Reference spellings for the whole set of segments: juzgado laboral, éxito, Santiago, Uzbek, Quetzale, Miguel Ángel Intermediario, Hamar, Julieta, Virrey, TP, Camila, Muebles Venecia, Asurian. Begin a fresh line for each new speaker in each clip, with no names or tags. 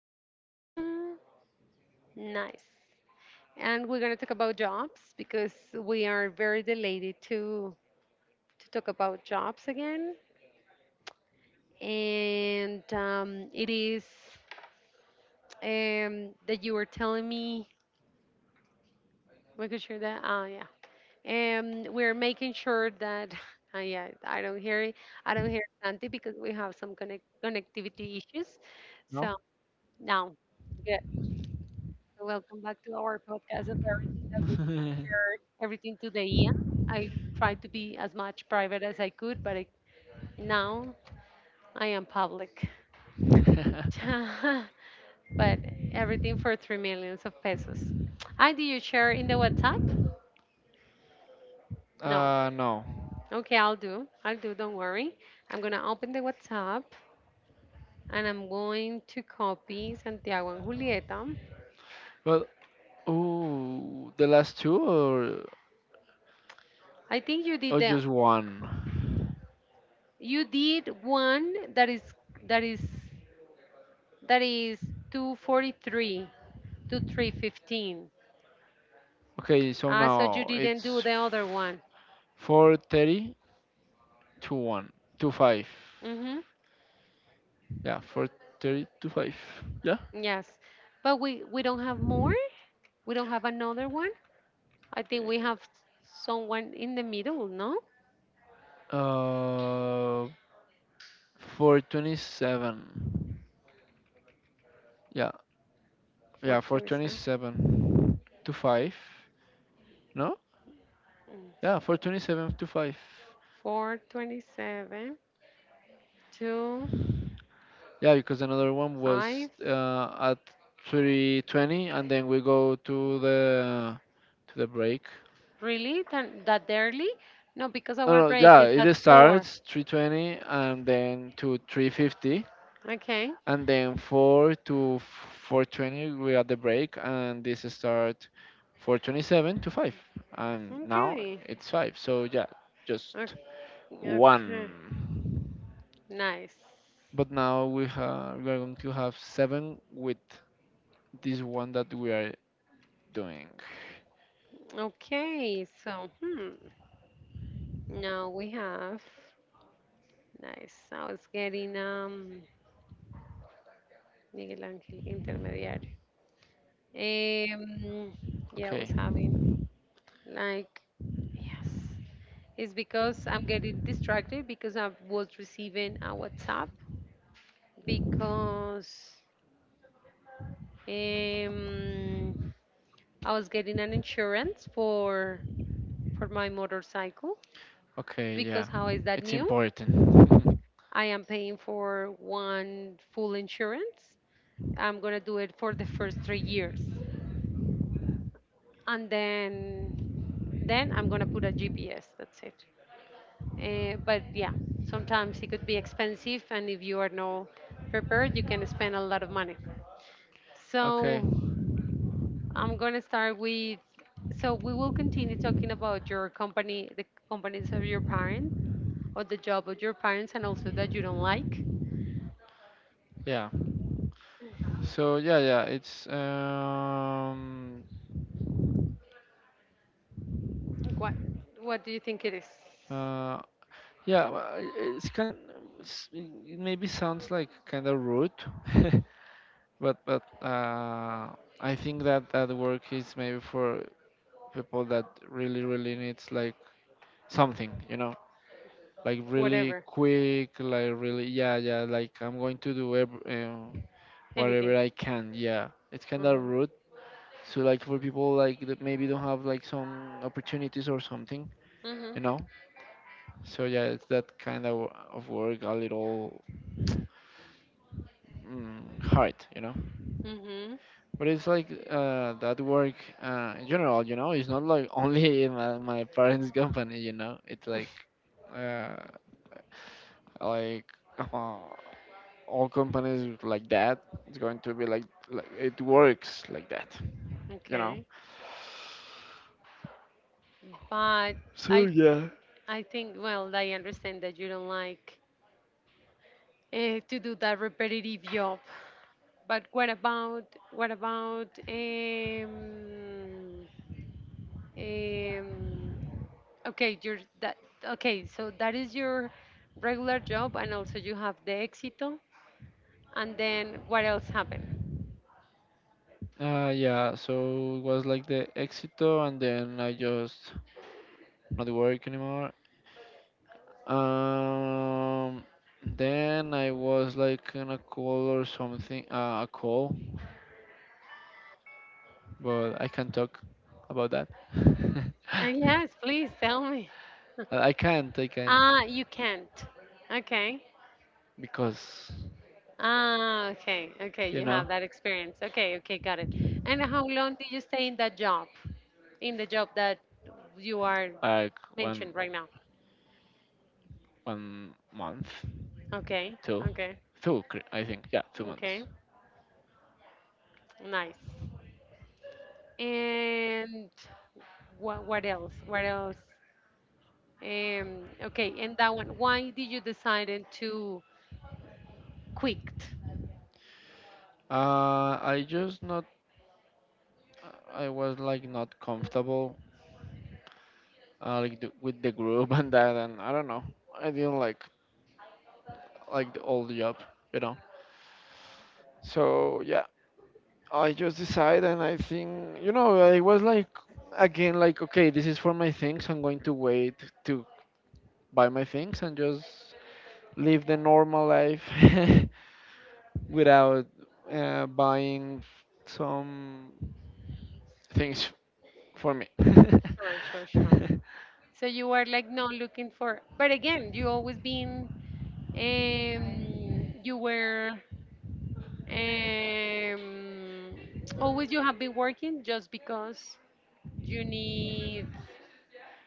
Mm,
continue with that.
nice. And we're going to talk
Uh,
about jobs because we are very delighted to
se me fue el internet.
to talk about jobs again.
Yeah.
And it is that you were telling me, making sure that, yeah. We're
Bye bye.
making sure that, yeah, I don't hear it. I don't hear Santi because we have some connectivity issues.
No.
So now, good. So, welcome back to our podcast. As I heard everything today, yeah. I tried to be as much private as I could, but now I am public. But everything for 3 millions of pesos. I did you share in the WhatsApp? No.
No.
Okay, I'll do. I'll do. Don't worry. I'm gonna open the WhatsApp and I'm going to copy Santiago and Julieta.
Well, ooh, the last two or
I think you did
or
the
just one?
you did one that is that is 243 to 315.
Okay, so
Ah, so you
now
didn't do
it's
the other one.
4:30 to one to five.
Mm-hmm.
Yeah, for 30 to 5. Yeah.
Yes. But we don't have more? We don't have another one? I think we have someone in the middle, no?
Uh, for 27. Yeah, yeah, for
427.
27 to 5. No? Yeah, for 27 to 5.
427 to
Yeah, because another one was
5.
at 3:20 and then we go to the break.
Really? That early? No, because
No,
our
no,
break
yeah,
is
it
at 4.
starts 3:20 and then to 3:50
Okay.
and then 4 to 420 we had the break and this start 427 to 5 and now
Okay.
it's 5, so yeah,
Okay.
just
Okay.
one.
Nice.
But now we have we are going to have seven with this one that we are doing.
Okay. So, hmm. Now we have. Nice. I was getting Miguel Ángel Intermediario. Um, yeah, I was
Okay.
having, like, yes. It's because I'm getting distracted because I was receiving a WhatsApp because um I was getting an insurance for my motorcycle
Okay, yeah,
because how is that
it's
new?
important.
I am paying for one full insurance. I'm gonna do it for the first 3 years and then I'm gonna put a GPS. That's it. But yeah, sometimes it could be expensive, and if you are not prepared, you can spend a lot of money.
Okay,
So I'm gonna start with. So we will continue talking about your company, the companies of your parents, or the job of your parents, and also that you don't like.
yeah, so yeah, it's
What What do you think it is?
uh yeah, well, it's kind. it maybe sounds like kind of rude, but I think that that work is maybe for people that really needs, like, something, you know, like really
Whatever,
quick, like really yeah, like I'm going to do
anything.
whatever I can. Yeah, it's kind of
Mhm.
rude. So, like, for people like that maybe don't have like some opportunities or something,
Mhm.
you know. So yeah, it's that kind of work, a little hard, you know.
Mhm.
But it's like that work in general, you know. It's not like only in my parents' company, you know. It's like uh, like uh, all companies like that. It's going to be like it works like that, you know.
Okay. But
So
I
yeah.
I think, well, I understand that you don't like to do that repetitive job. But what about um, okay, your that okay, so that is your regular job and also you have the éxito and then what else happened?
Yeah. So it was like the Exito, and then I just not work anymore. Um, then I was like in a call or something, a call, but I can't talk about that.
Yes, please tell me.
I can't,
Ah, you can't. Okay.
because,
Ah, okay. Okay,
you
you have
know,
that experience. Okay, okay, got it. And how long did you stay in that job? In the job that you are
like one
mentioned right now.
one month,
Okay,
two,
okay,
I think, yeah, two
okay,
months.
nice. And what else? What else? Okay, and that one. Why did you decide to quit?
I just not, I was like not comfortable, like with the group, and that, and I don't know, I didn't like all the old job, you know. So yeah, I just decided, and I think, you know, I was like, again, like, okay, this is for my things. I'm going to wait to buy my things and just live the normal life without buying some things for me.
Sure, sure, sure. So you were like not looking for, but again, you always been. You were. Um, Always you have been working just because you need.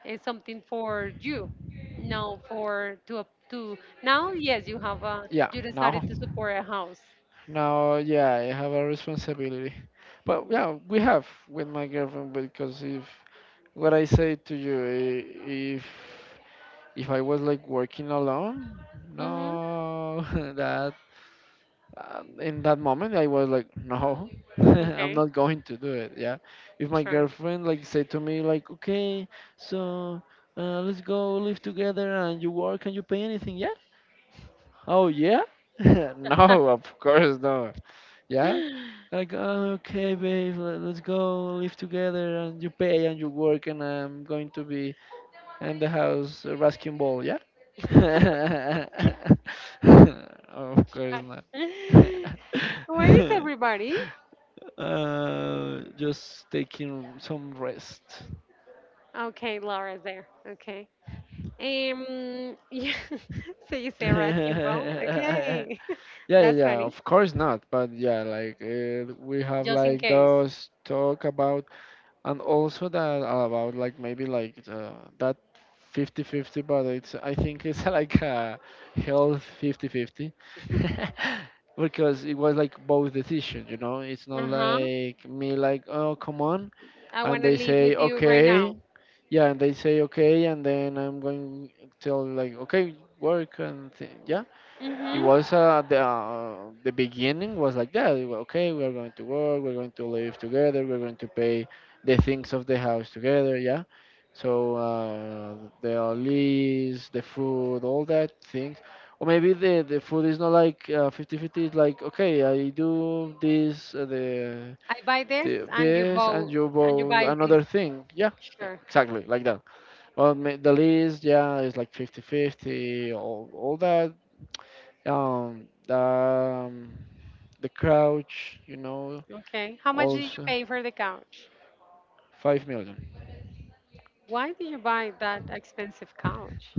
It's something for you. No, for to now, yes, you have a
Yeah,
you
now.
decided to support a house.
Now, yeah, I have a responsibility. But yeah, we have with my girlfriend because if what I say to you, if I was like working alone,
Mm-hmm.
no, that in that moment I was like, no, I'm
Okay,
not going to do it. Yeah, if my
sure.
girlfriend like said to me like, okay, so let's go live together and you work and you pay anything, yeah? Oh yeah?
Okay.
No, of course no. Yeah. Like, oh, okay, babe, let's go live together and you pay and you work and I'm going to be in the house rasking ball, yeah? Of course not.
Hi. Where is everybody?
Just taking some rest.
Okay, Laura's there. Okay. Yeah. So you say asking ball.
yeah,
Okay.
yeah,
That's
yeah,
funny.
of course not. But yeah, like we have
Just in
like
case.
those talk about, and also that about like maybe like the, that fifty-fifty, but it's I think it's like a health fifty-fifty, because it was like both decisions, you know. It's not
Uh huh.
like me like, oh, come on,
I
and
wanna
they
live
say
with you right now.
okay. Yeah, and they say okay, and then I'm going to tell like, okay, yeah, it
Mm-hmm.
was the beginning was like that. Okay, we are going to work. We're going to live together. We're going to pay the things of the house together. Yeah. So the lease, the food, all that things, or maybe the food is not like 50 fifty. It's like, okay, I do this,
I buy this
the
and you
this,
buy.
and you
And you buy
buy
this.
another thing. Yeah,
Sure.
exactly like that. Well, the lease, yeah, is like fifty fifty. All that um, um, the crouch, you know,
Okay. How much did you
also
pay for the couch?
5 million.
Why did you buy that expensive couch?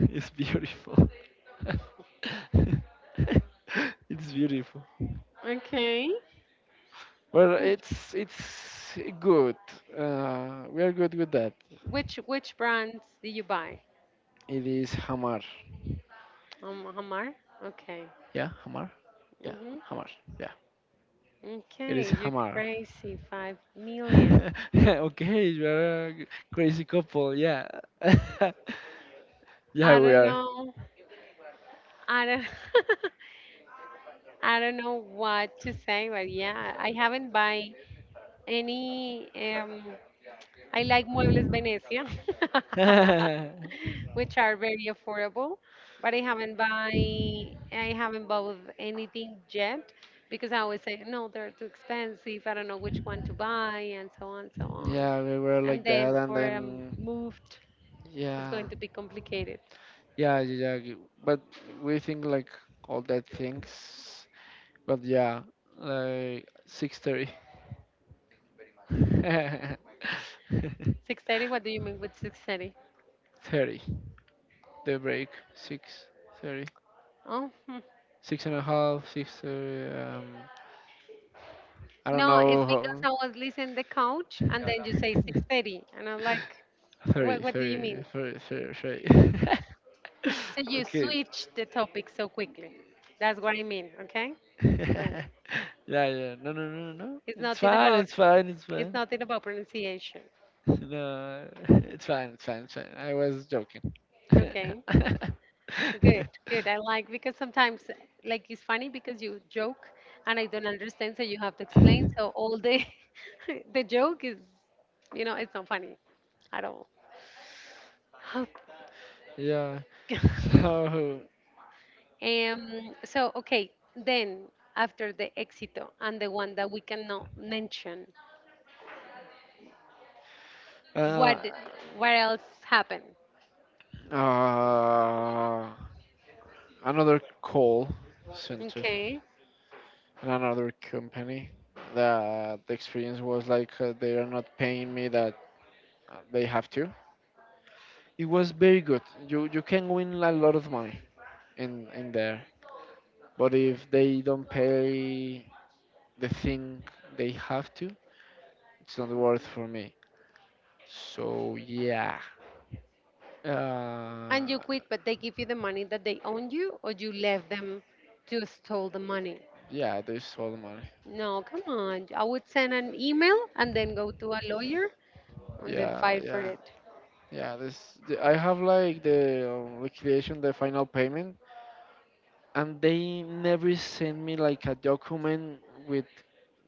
It's beautiful. It's beautiful.
Okay.
Well, it's good. We are good with that.
Which brands did you buy?
It is Hamar.
Hamar? Okay.
Yeah, Hamar. Yeah,
Hmm.
Hamar. Yeah, it is
Okay, you
Hamar.
crazy. 5 million.
Okay, you are a crazy couple. Yeah, yeah,
I
we
don't
are.
know. I don't I don't know what to say, but yeah, I haven't buy any I like Muebles Venecia. Which are very affordable. But I haven't bought anything yet because I always say no, they're too expensive. I don't know which one to buy, and so on, so on.
Yeah, we were
And
like that,
then
and
for a
then
moved, it's
yeah,
going to be complicated.
yeah. But we think like all that things. But yeah, like 6:30.
6:30. What do you mean with 6:30?
30, the break, 6 30.
Oh, hmm.
Six and a half, 6:30, um, I don't
No,
know
it's
how.
because I was listening the couch, and then you say six
30,
thirty, and I'm like,
thirty,
what do you mean?
thirty, 30.
So you
Okay.
switch the topic so quickly. That's what I mean, okay? So the,
yeah, yeah. No, no, no, no. no.
it's
It's
nothing
fine.
about pronunciation.
No, it's fine. I was joking.
Okay, good, good. I like because sometimes like it's funny because you joke and I don't understand, so you have to explain. So all the the joke is, it's not funny at all.
Yeah. So,
Um, so okay, then after the éxito and the one that we cannot mention,
uh,
what what else happened?
uh, another call center
Okay.
and another company. The experience was like they are not paying me that they have to. It was very good. You can win a lot of money in there. But if they don't pay the thing they have to, it's not worth for me. So yeah, uh,
And you quit, but they give you the money that they own you, or you left them to stole the money.
yeah, they stole money.
No, come on. I would send an email and then go to a lawyer and then
Yeah,
fight for
yeah,
it.
yeah. This the, I have like the liquidation, the final payment, and they never send me like a document with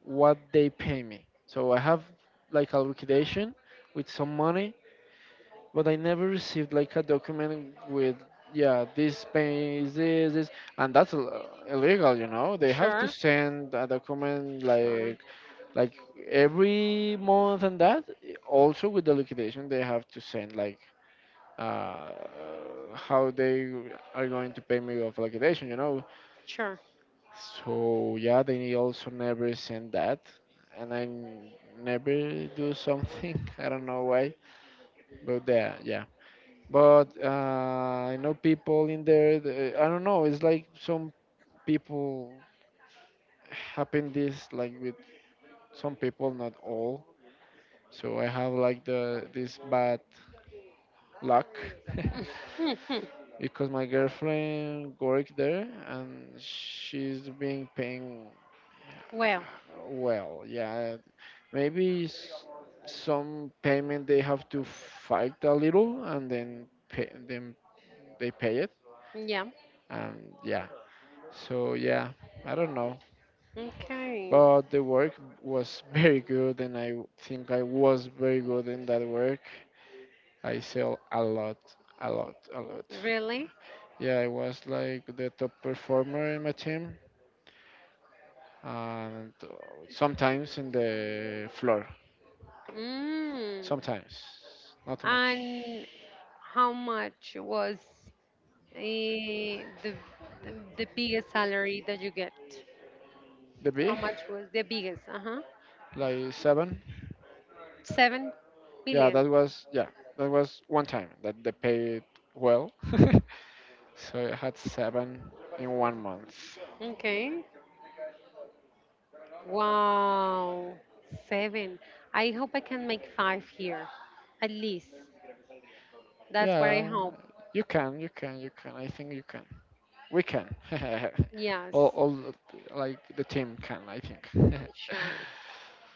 what they pay me. So I have like a liquidation with some money, but I never received like a document with, yeah, this pays this, and that's illegal, you know. They have to
Sure,
send a document,
sure,
like every month, and that also with the liquidation, they have to send like uh how they are going to pay me of liquidation, you know.
sure.
So yeah, they also never send that, and never do something. I don't know why, but there, yeah, but I know people in there. I don't know. It's like some people happen this like with some people, not all. So I have like the this bad luck. Because my girlfriend worked there and she's been paying
Well,
well. Yeah, maybe some payment they have to fight a little and then pay, then they pay it.
yeah.
And yeah. So yeah, I don't know.
Okay.
But the work was very good, and I think I was very good in that work. I sell a lot, a lot.
Really?
Yeah, I was like the top performer in my team, and sometimes in the floor,
Mm.
sometimes not too much.
And how much was eh, the, the biggest salary that you get?
The
How
big,
much was the biggest? Uh huh.
like, seven.
Seven
Yeah,
million.
that was, yeah, that was one time that they paid well. So I had seven in 1 month.
Okay. Wow. Seven. I hope I can make five here. At least. That's what I
Yeah,
hope.
you can, you can. I think you can. We can.
Yes,
All, like, the team can. I think. Yeah,
sure.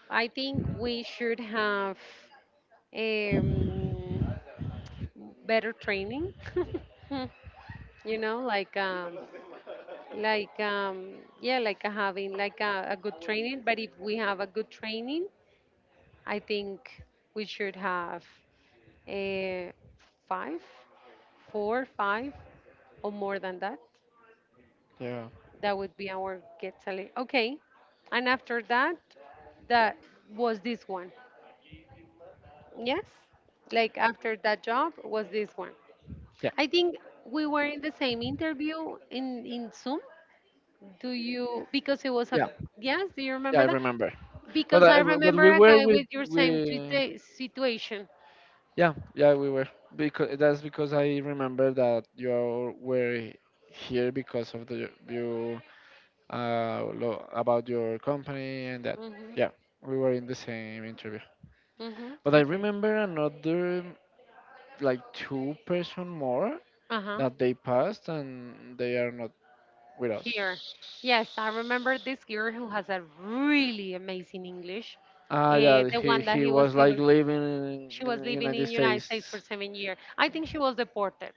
I think we should have um, better training. Like like yeah, like having like a good training. But if we have a good training, I think we should have a five, four, five, or more than that. That would be our Quetzale. Okay. And after that, that was this one. Yes? Like after that job was this one.
yeah,
I think we were in the same interview in Zoom. Do you, because it was a,
yeah,
yes, do you
yeah.
remember
I
that?
remember. But
Because I
but
remember
we
a
were
guy
with
with your same
we.
situation.
Yeah, we were, because that's because I remember that you were here because of about your company and that.
Mm-hmm.
Yeah, we were in the same interview.
Mm-hmm.
But I
Okay.
remember another, like, two-person more
Uh-huh.
that they passed and they are not with us.
Here. Yes, I remember this girl who has a really amazing English.
Ah, yeah,
The
he
one that he was
was like
living.
living
She
in
was
the
living in
United
United States for
States.
7 years. I think she was deported.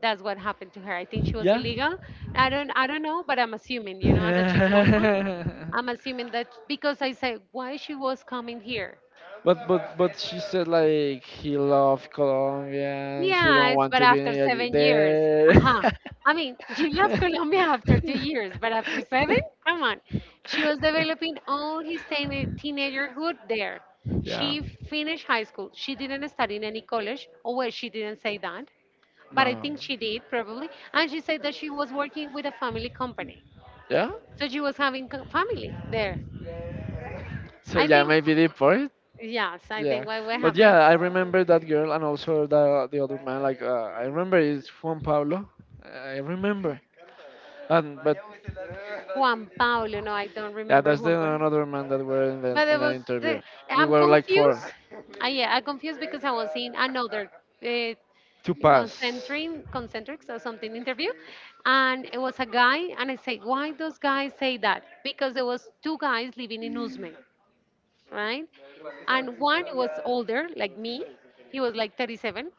That's what happened to her. I think she was
Yeah.
illegal. I don't know, but I'm assuming, as a chismosa, I'm assuming that because I said why she was coming here.
But but she said like he loved Colombia and she don't
Yes,
want
but
to be
after 7 years.
there.
Uh-huh. I mean, you left Colombia after
Yeah.
2 years, but after seven? Come on. She was developing all his teenagerhood there. She finished high school. She didn't study in any college. Oh, well, she didn't say that, but I
No.
think she did probably. And she said that she was working with a family company,
Yeah.
so she was having family there.
So
I
yeah,
think,
maybe deport.
yes, I
Yeah,
think what
but
happened.
yeah, I remember that girl and also the other man. Like, I remember it's Juan Pablo. I remember. And but,
Juan Paulo. No, I don't
yeah,
remember
that's
Juan
the
Paulo.
another man that were in the
But it
in an
was
interview.
the,
We
I'm
were like for
confused. Yeah, I'm confused because I was in another uh,
two pass.
concentric concentrics or something interview and it was a guy and I say why those guys say that because there was two guys living in Uzme, right? And one was older, like me. He was like 37,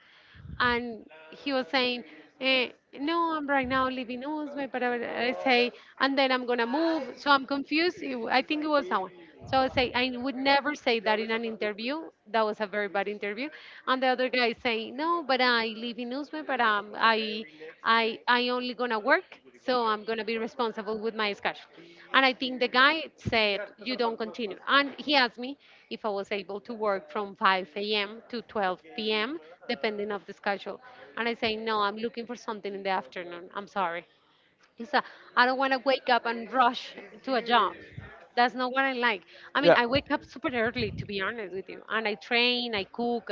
and he was saying, eh, "No, I'm right now living in Uzbek, but I say, and then I'm gonna move." So I'm confused. I think it was someone. So I say I would never say that in an interview. That was a very bad interview. And the other guy is saying, "No, but I live in Uzbek, but I only gonna work, so I'm gonna be responsible with my schedule." And I think the guy said, you don't continue. And he asked me if I was able to work from 5 a.m. to 12 p.m., depending of the schedule. And I say, no, I'm looking for something in the afternoon. I'm sorry. Because I don't want to wake up and rush to a job. That's not what I like. I mean,
Yeah.
I wake up super early, to be honest with you. And I train, I cook,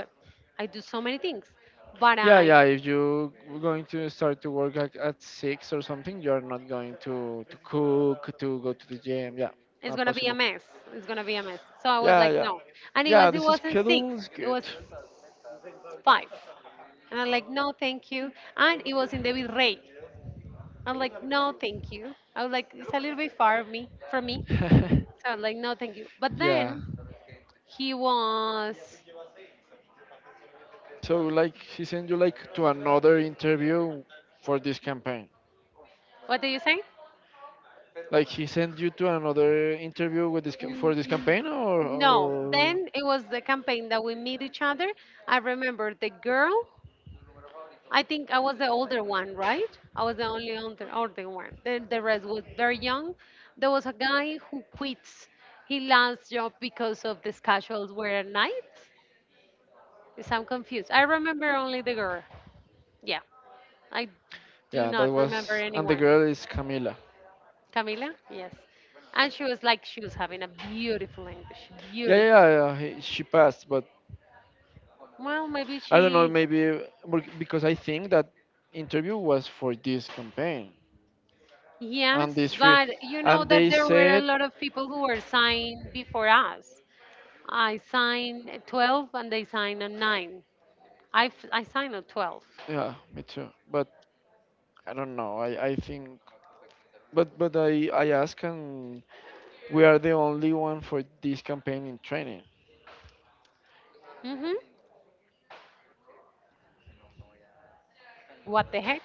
I do so many things. But
Yeah,
I,
yeah. If you going to start to work at six or something, you're not going to cook, to go to the gym. Yeah,
it's
not
gonna be a
possible.
mess. It's gonna be a mess. So I was
Yeah,
like,
yeah,
no. And it
yeah.
was, it
This
wasn't six.
schedule is
It
good.
was five. And I'm like, no, thank you. And it was in the Virrey. I'm like, no, thank you. I was like, it's a little bit far of me from me. So I'm like, no, thank you. But
Yeah.
then he was,
So like he sent you like to another interview for this campaign.
what do you say?
Like he sent you to another interview with
N-
for this campaign,
No.
or,
Then it was the campaign that we meet each other. I remember the girl. I think I was the older one, right? I was the only older, older one. The rest was very young. There was a guy who quits his last job because of the schedules were at night. Yes, I'm confused. I remember only the girl. Yeah, I do
yeah,
not
that
remember
was. And the
anyone.
girl is Camila.
Camila? Yes. And she was like, she was having a beautiful English.
Yeah yeah
Beautiful.
yeah yeah, she passed, but
Well, maybe
I don't know,
she,
maybe, because I think that interview was for this campaign, and
yes,
this free,
but you know
and
that
they
there were a
said,
lot of people who were signed before us. I signed at 12 and they signed at 9. I signed at 12.
yeah, me too, but I don't know. I think, but I ask, and we are the only one for this campaign in training.
Hmm. What the heck?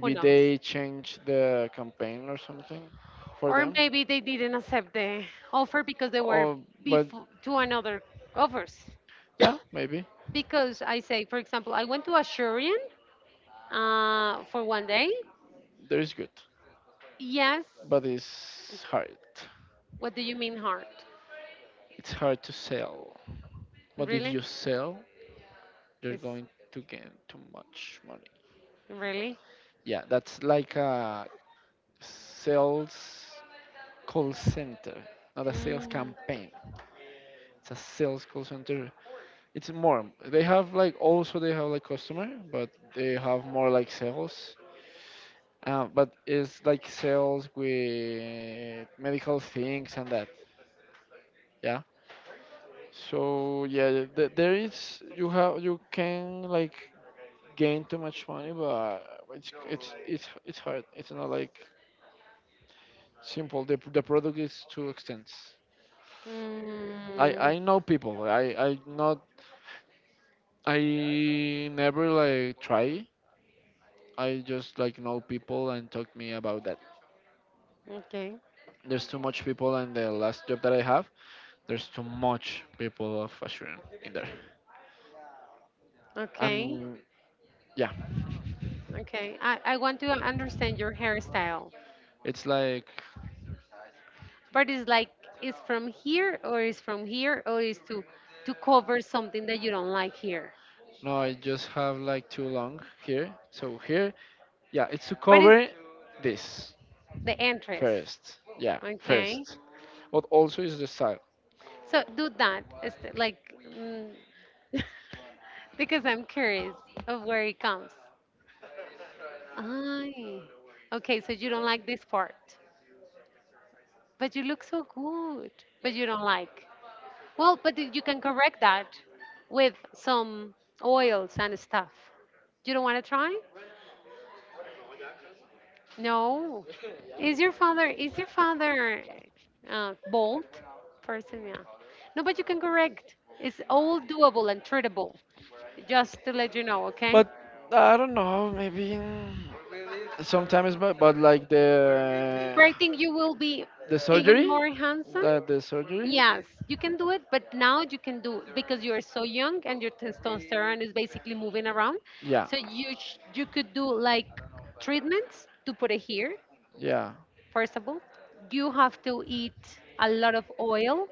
Who knows?
they change the campaign or something for
Or
them.
maybe they didn't accept the offer because they were
Oh, but
before to another offers.
yeah, maybe
Because I say, for example, I went to Asurian for one day.
there is good,
Yes.
but it's hard.
What do you mean hard?
It's hard to sell. But if
Really?
you sell, you're
Is
going to gain too much money.
really?
Yeah, that's like a sales call center, not a sales
Mm,
campaign. It's a sales call center. It's more, they have like also they have like customer, but they have more like sales, but it's like sales with medical things and that. Yeah, so yeah, there is, you have, you can like gain too much money, but it's hard. It's not like simple. The the product is too extensive. i
mm,
i know people. I not, I never like try. I just like know people and talk me about that.
okay.
There's too much people, and the last job that I have, there's too much people of Assyrian in there.
Okay.
And yeah,
Okay. I want to understand your hairstyle.
it's like
But it's like it's from here or it's from here or it's to cover something that you don't like here.
no, I just have like too long here. So here, yeah, it's to
What is
cover this
the entrance?
first. Yeah,
Okay.
first. But also is the style.
So do that. It's like mm, because I'm curious of where it comes. Ay. Okay, so you don't like this part, but you look so good, but you don't like. Well, but you can correct that with some oils and stuff. You don't want to try? No. Is your father bald person? Yeah. No, but you can correct. It's all doable and treatable. Just to let you know, okay?
But I don't know, maybe sometimes, but like the
But I think you will be
The
even
surgery?
more handsome.
The surgery?
Yes, you can do it, but now you can do because you are so young and your testosterone is basically moving around.
Yeah.
So you could do like treatments to put it here.
Yeah.
First of all, you have to eat a lot of oil,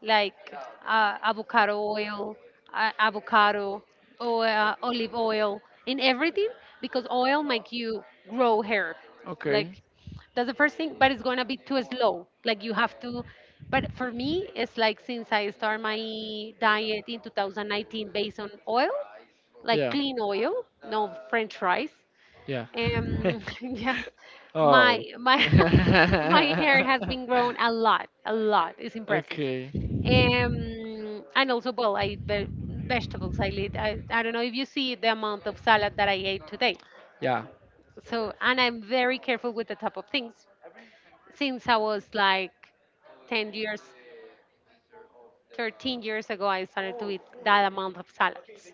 like avocado oil, avocado, or olive oil, in everything, because oil make you grow hair.
Okay.
Like that's the first thing, but it's gonna be too slow. Like you have to. But for me, it's like since I start my diet in 2019 based on oil, like
Yeah.
clean oil, no French fries.
Yeah.
Yes, my
Oh.
my my hair has been grown a lot, a lot. It's impressive.
Okay.
And also, well, vegetables. I, eat, I don't know if you see the amount of salad that I ate today.
Yeah.
So, and I'm very careful with the type of things. Since I was like 10 years, 13 years ago, I started to eat that amount of salads.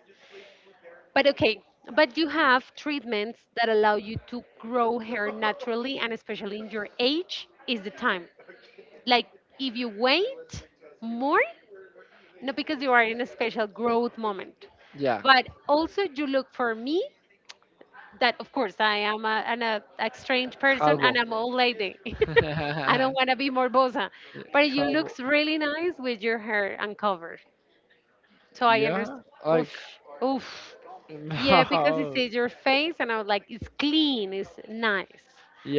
But okay, but you have treatments that allow you to grow hair naturally, and especially in your age, is the time. Like if you wait more, not because you are in a special growth moment,
Yeah.
but also you look for me. That of course I am a strange person
Calvo.
and I'm old lady. I
Yeah,
don't want to be morbosa, but you
calvo.
looks really nice with your hair uncovered. So I understand.
Yeah. Like
Oof, oof. Yeah, because it
no.
says your face, and I was like, it's clean, it's nice,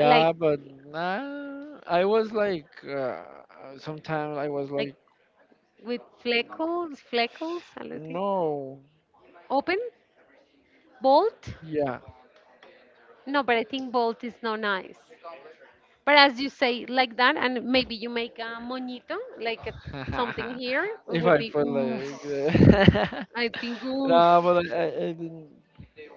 like
but nah, I was like, sometimes I was
like
like,
with fleckles, fleckles, I don't think.
no,
Open, bolt.
yeah.
No, but I think bolt is not nice. But as you say like that, and maybe you make a moñito, like a, something here, it
If
would
I
be
put
oof.
like,
I think oof.
no, but I didn't,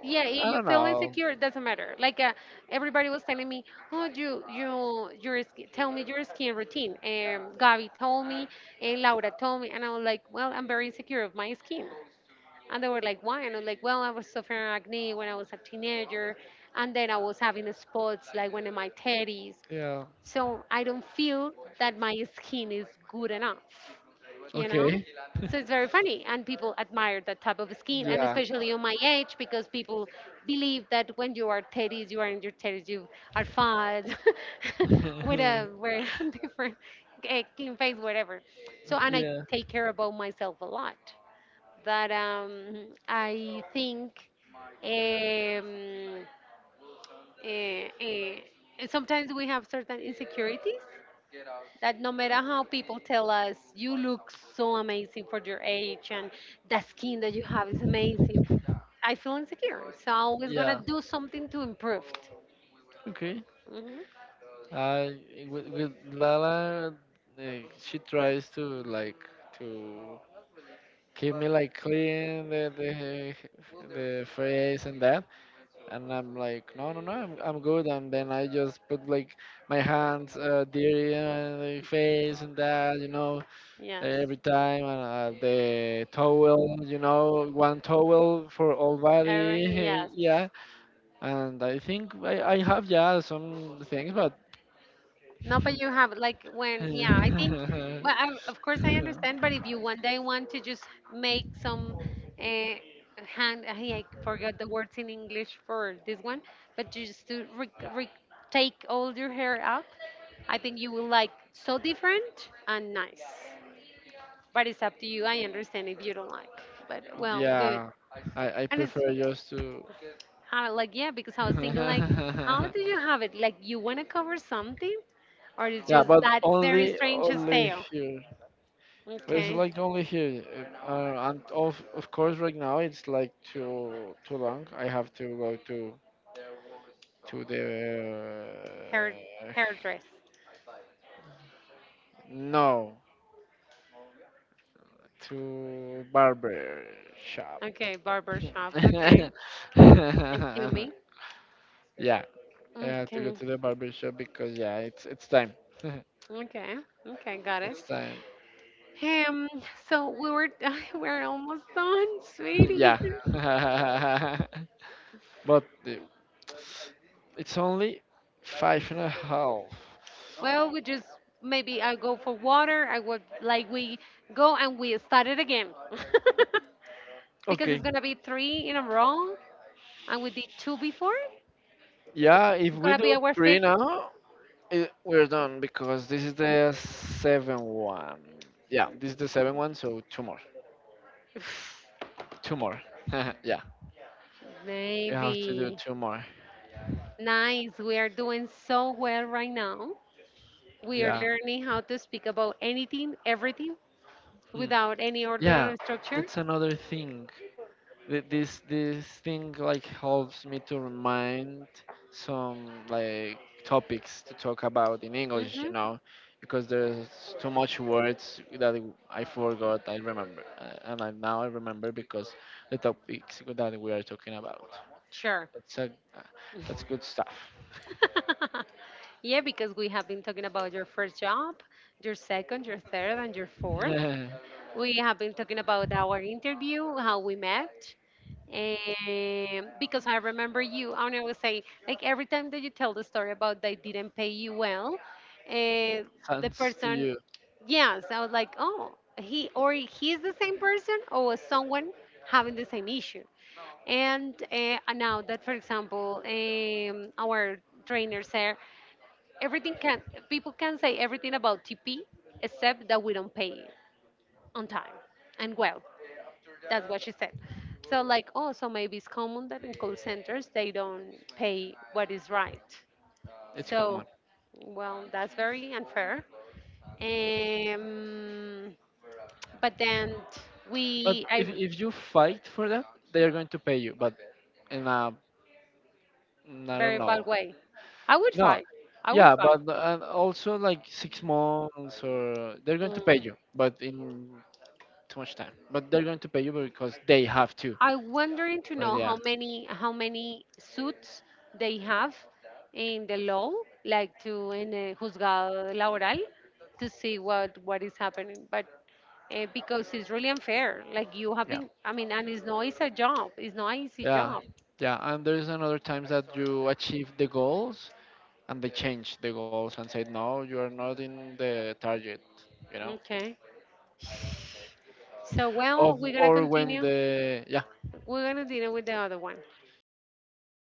Yeah, if
I
you
don't
feel
know.
insecure it doesn't matter, like everybody was telling me, oh, you your skin, tell me your skin routine, and Gabby told me, and Laura told me, and I was like, well, I'm very insecure of my skin, and they were like, why? And I was like, well, I was suffering acne when I was a teenager, and then I was having spots like when in my teddies,
Yeah.
so I don't feel that my skin is good enough, you
Okay.
know? So it's very funny, and people admire that type of skin, and
Yeah.
especially on my age, because people believe that when you are 30s, you are in your 30s, you are fat, with a with a different clean face, whatever. So, and I
Yeah.
take care about myself a lot. That I think um, eh, eh, sometimes we have certain insecurities that no matter how people tell us you look so amazing for your age and the skin that you have is amazing, I feel insecure, so I'm always gonna
Yeah.
do something to improve.
Okay.
Hmm.
Uh, with with Lala, uh, she tries to like to keep me like clean the face and that, and I'm like, no, I'm good. And then I just put like my hands dirty on the face and that, you know,
Yes.
every time, and the towel, you know, one towel for all
Eric,
body,
yes.
yeah. And I think I have, yeah, some things, but
No, but you have like when, yeah, I think, well, I, of course I understand, but if you one day want to just make some uh, hand, I forgot the words in English for this one, but just to take all your hair up, I think you will like so different and nice. But it's up to you. I understand if you don't like, but well, good.
yeah, I
And it's
prefer just to.
like, yeah, because I was thinking like, how
Yeah,
do you have it? Like, you want to cover something, or it's just
but
that very strange
only
style?
here. But it's
Okay.
like only here, and of course right now it's like too long. I have to go to the
Hair
uh,
hairdress.
no to barber shop.
Okay, barber shop. Okay. Acumi.
Yeah, I have to go
Okay.
to the barber shop because, yeah, it's time.
Okay. Okay, got it.
It's time.
Um so we were we're almost done, sweetie.
Yeah. But it's only five and a half.
Well, we just maybe I go for water. I would like we go and we start it again. Because
Okay.
it's gonna be three in a row and we did two before.
Yeah, if
It's
we
gonna be
do
our
three
fifth.
now, it, we're done because this is the seven one. Yeah, this is the seven one, so two more. Two more. Yeah, we have to do
Maybe.
two more.
Nice. We are doing so well right now. We are
Yeah.
learning how to speak about anything, everything,
Hmm.
without any order
Yeah,
or structure.
that's another thing. This thing like helps me to remind some like topics to talk about in English, you
Hmm.
know, because there's too much words that I forgot I remember, now I remember because the topics that we are talking about,
Sure.
that's a, that's good stuff.
Yeah, because we have been talking about your first job, your second, your third, and your fourth. We have been talking about our interview, how we met, and because I remember you, and I would say, like every time that you tell the story about they didn't pay you well, the
Thanks to
person,
you.
yes, I was like, oh, he's the same person or someone having the same issue. And now that, for example, our trainers there, everything can people can say everything about TP except that we don't pay on time and well. That's what she said. So like, oh, so maybe it's common that in call centers they don't pay what is right.
It's
So,
common,
well, that's very unfair. Um, but then
but
we, I
if you fight for that, they are going to pay you but in a, I don't
very
know.
bad way. I would
No,
fight. I would
yeah,
fight.
but also like 6 months or they're going to pay
Mm.
you, but in too much time. But they're going to pay you because they have to.
I wondering to
But
know how many suits they have in the law, like to in a juzgado laboral, to see what is happening. But because it's really unfair, like you have
yeah,
been, I mean, and it's no easy job. It's not easy
yeah,
job.
yeah. And there's another times that you achieve the goals and they change the goals and say no, you are not in the target, you know.
Okay. So well,
Of,
we're gonna
or when
continue.
the, yeah.
We're gonna deal with the other one.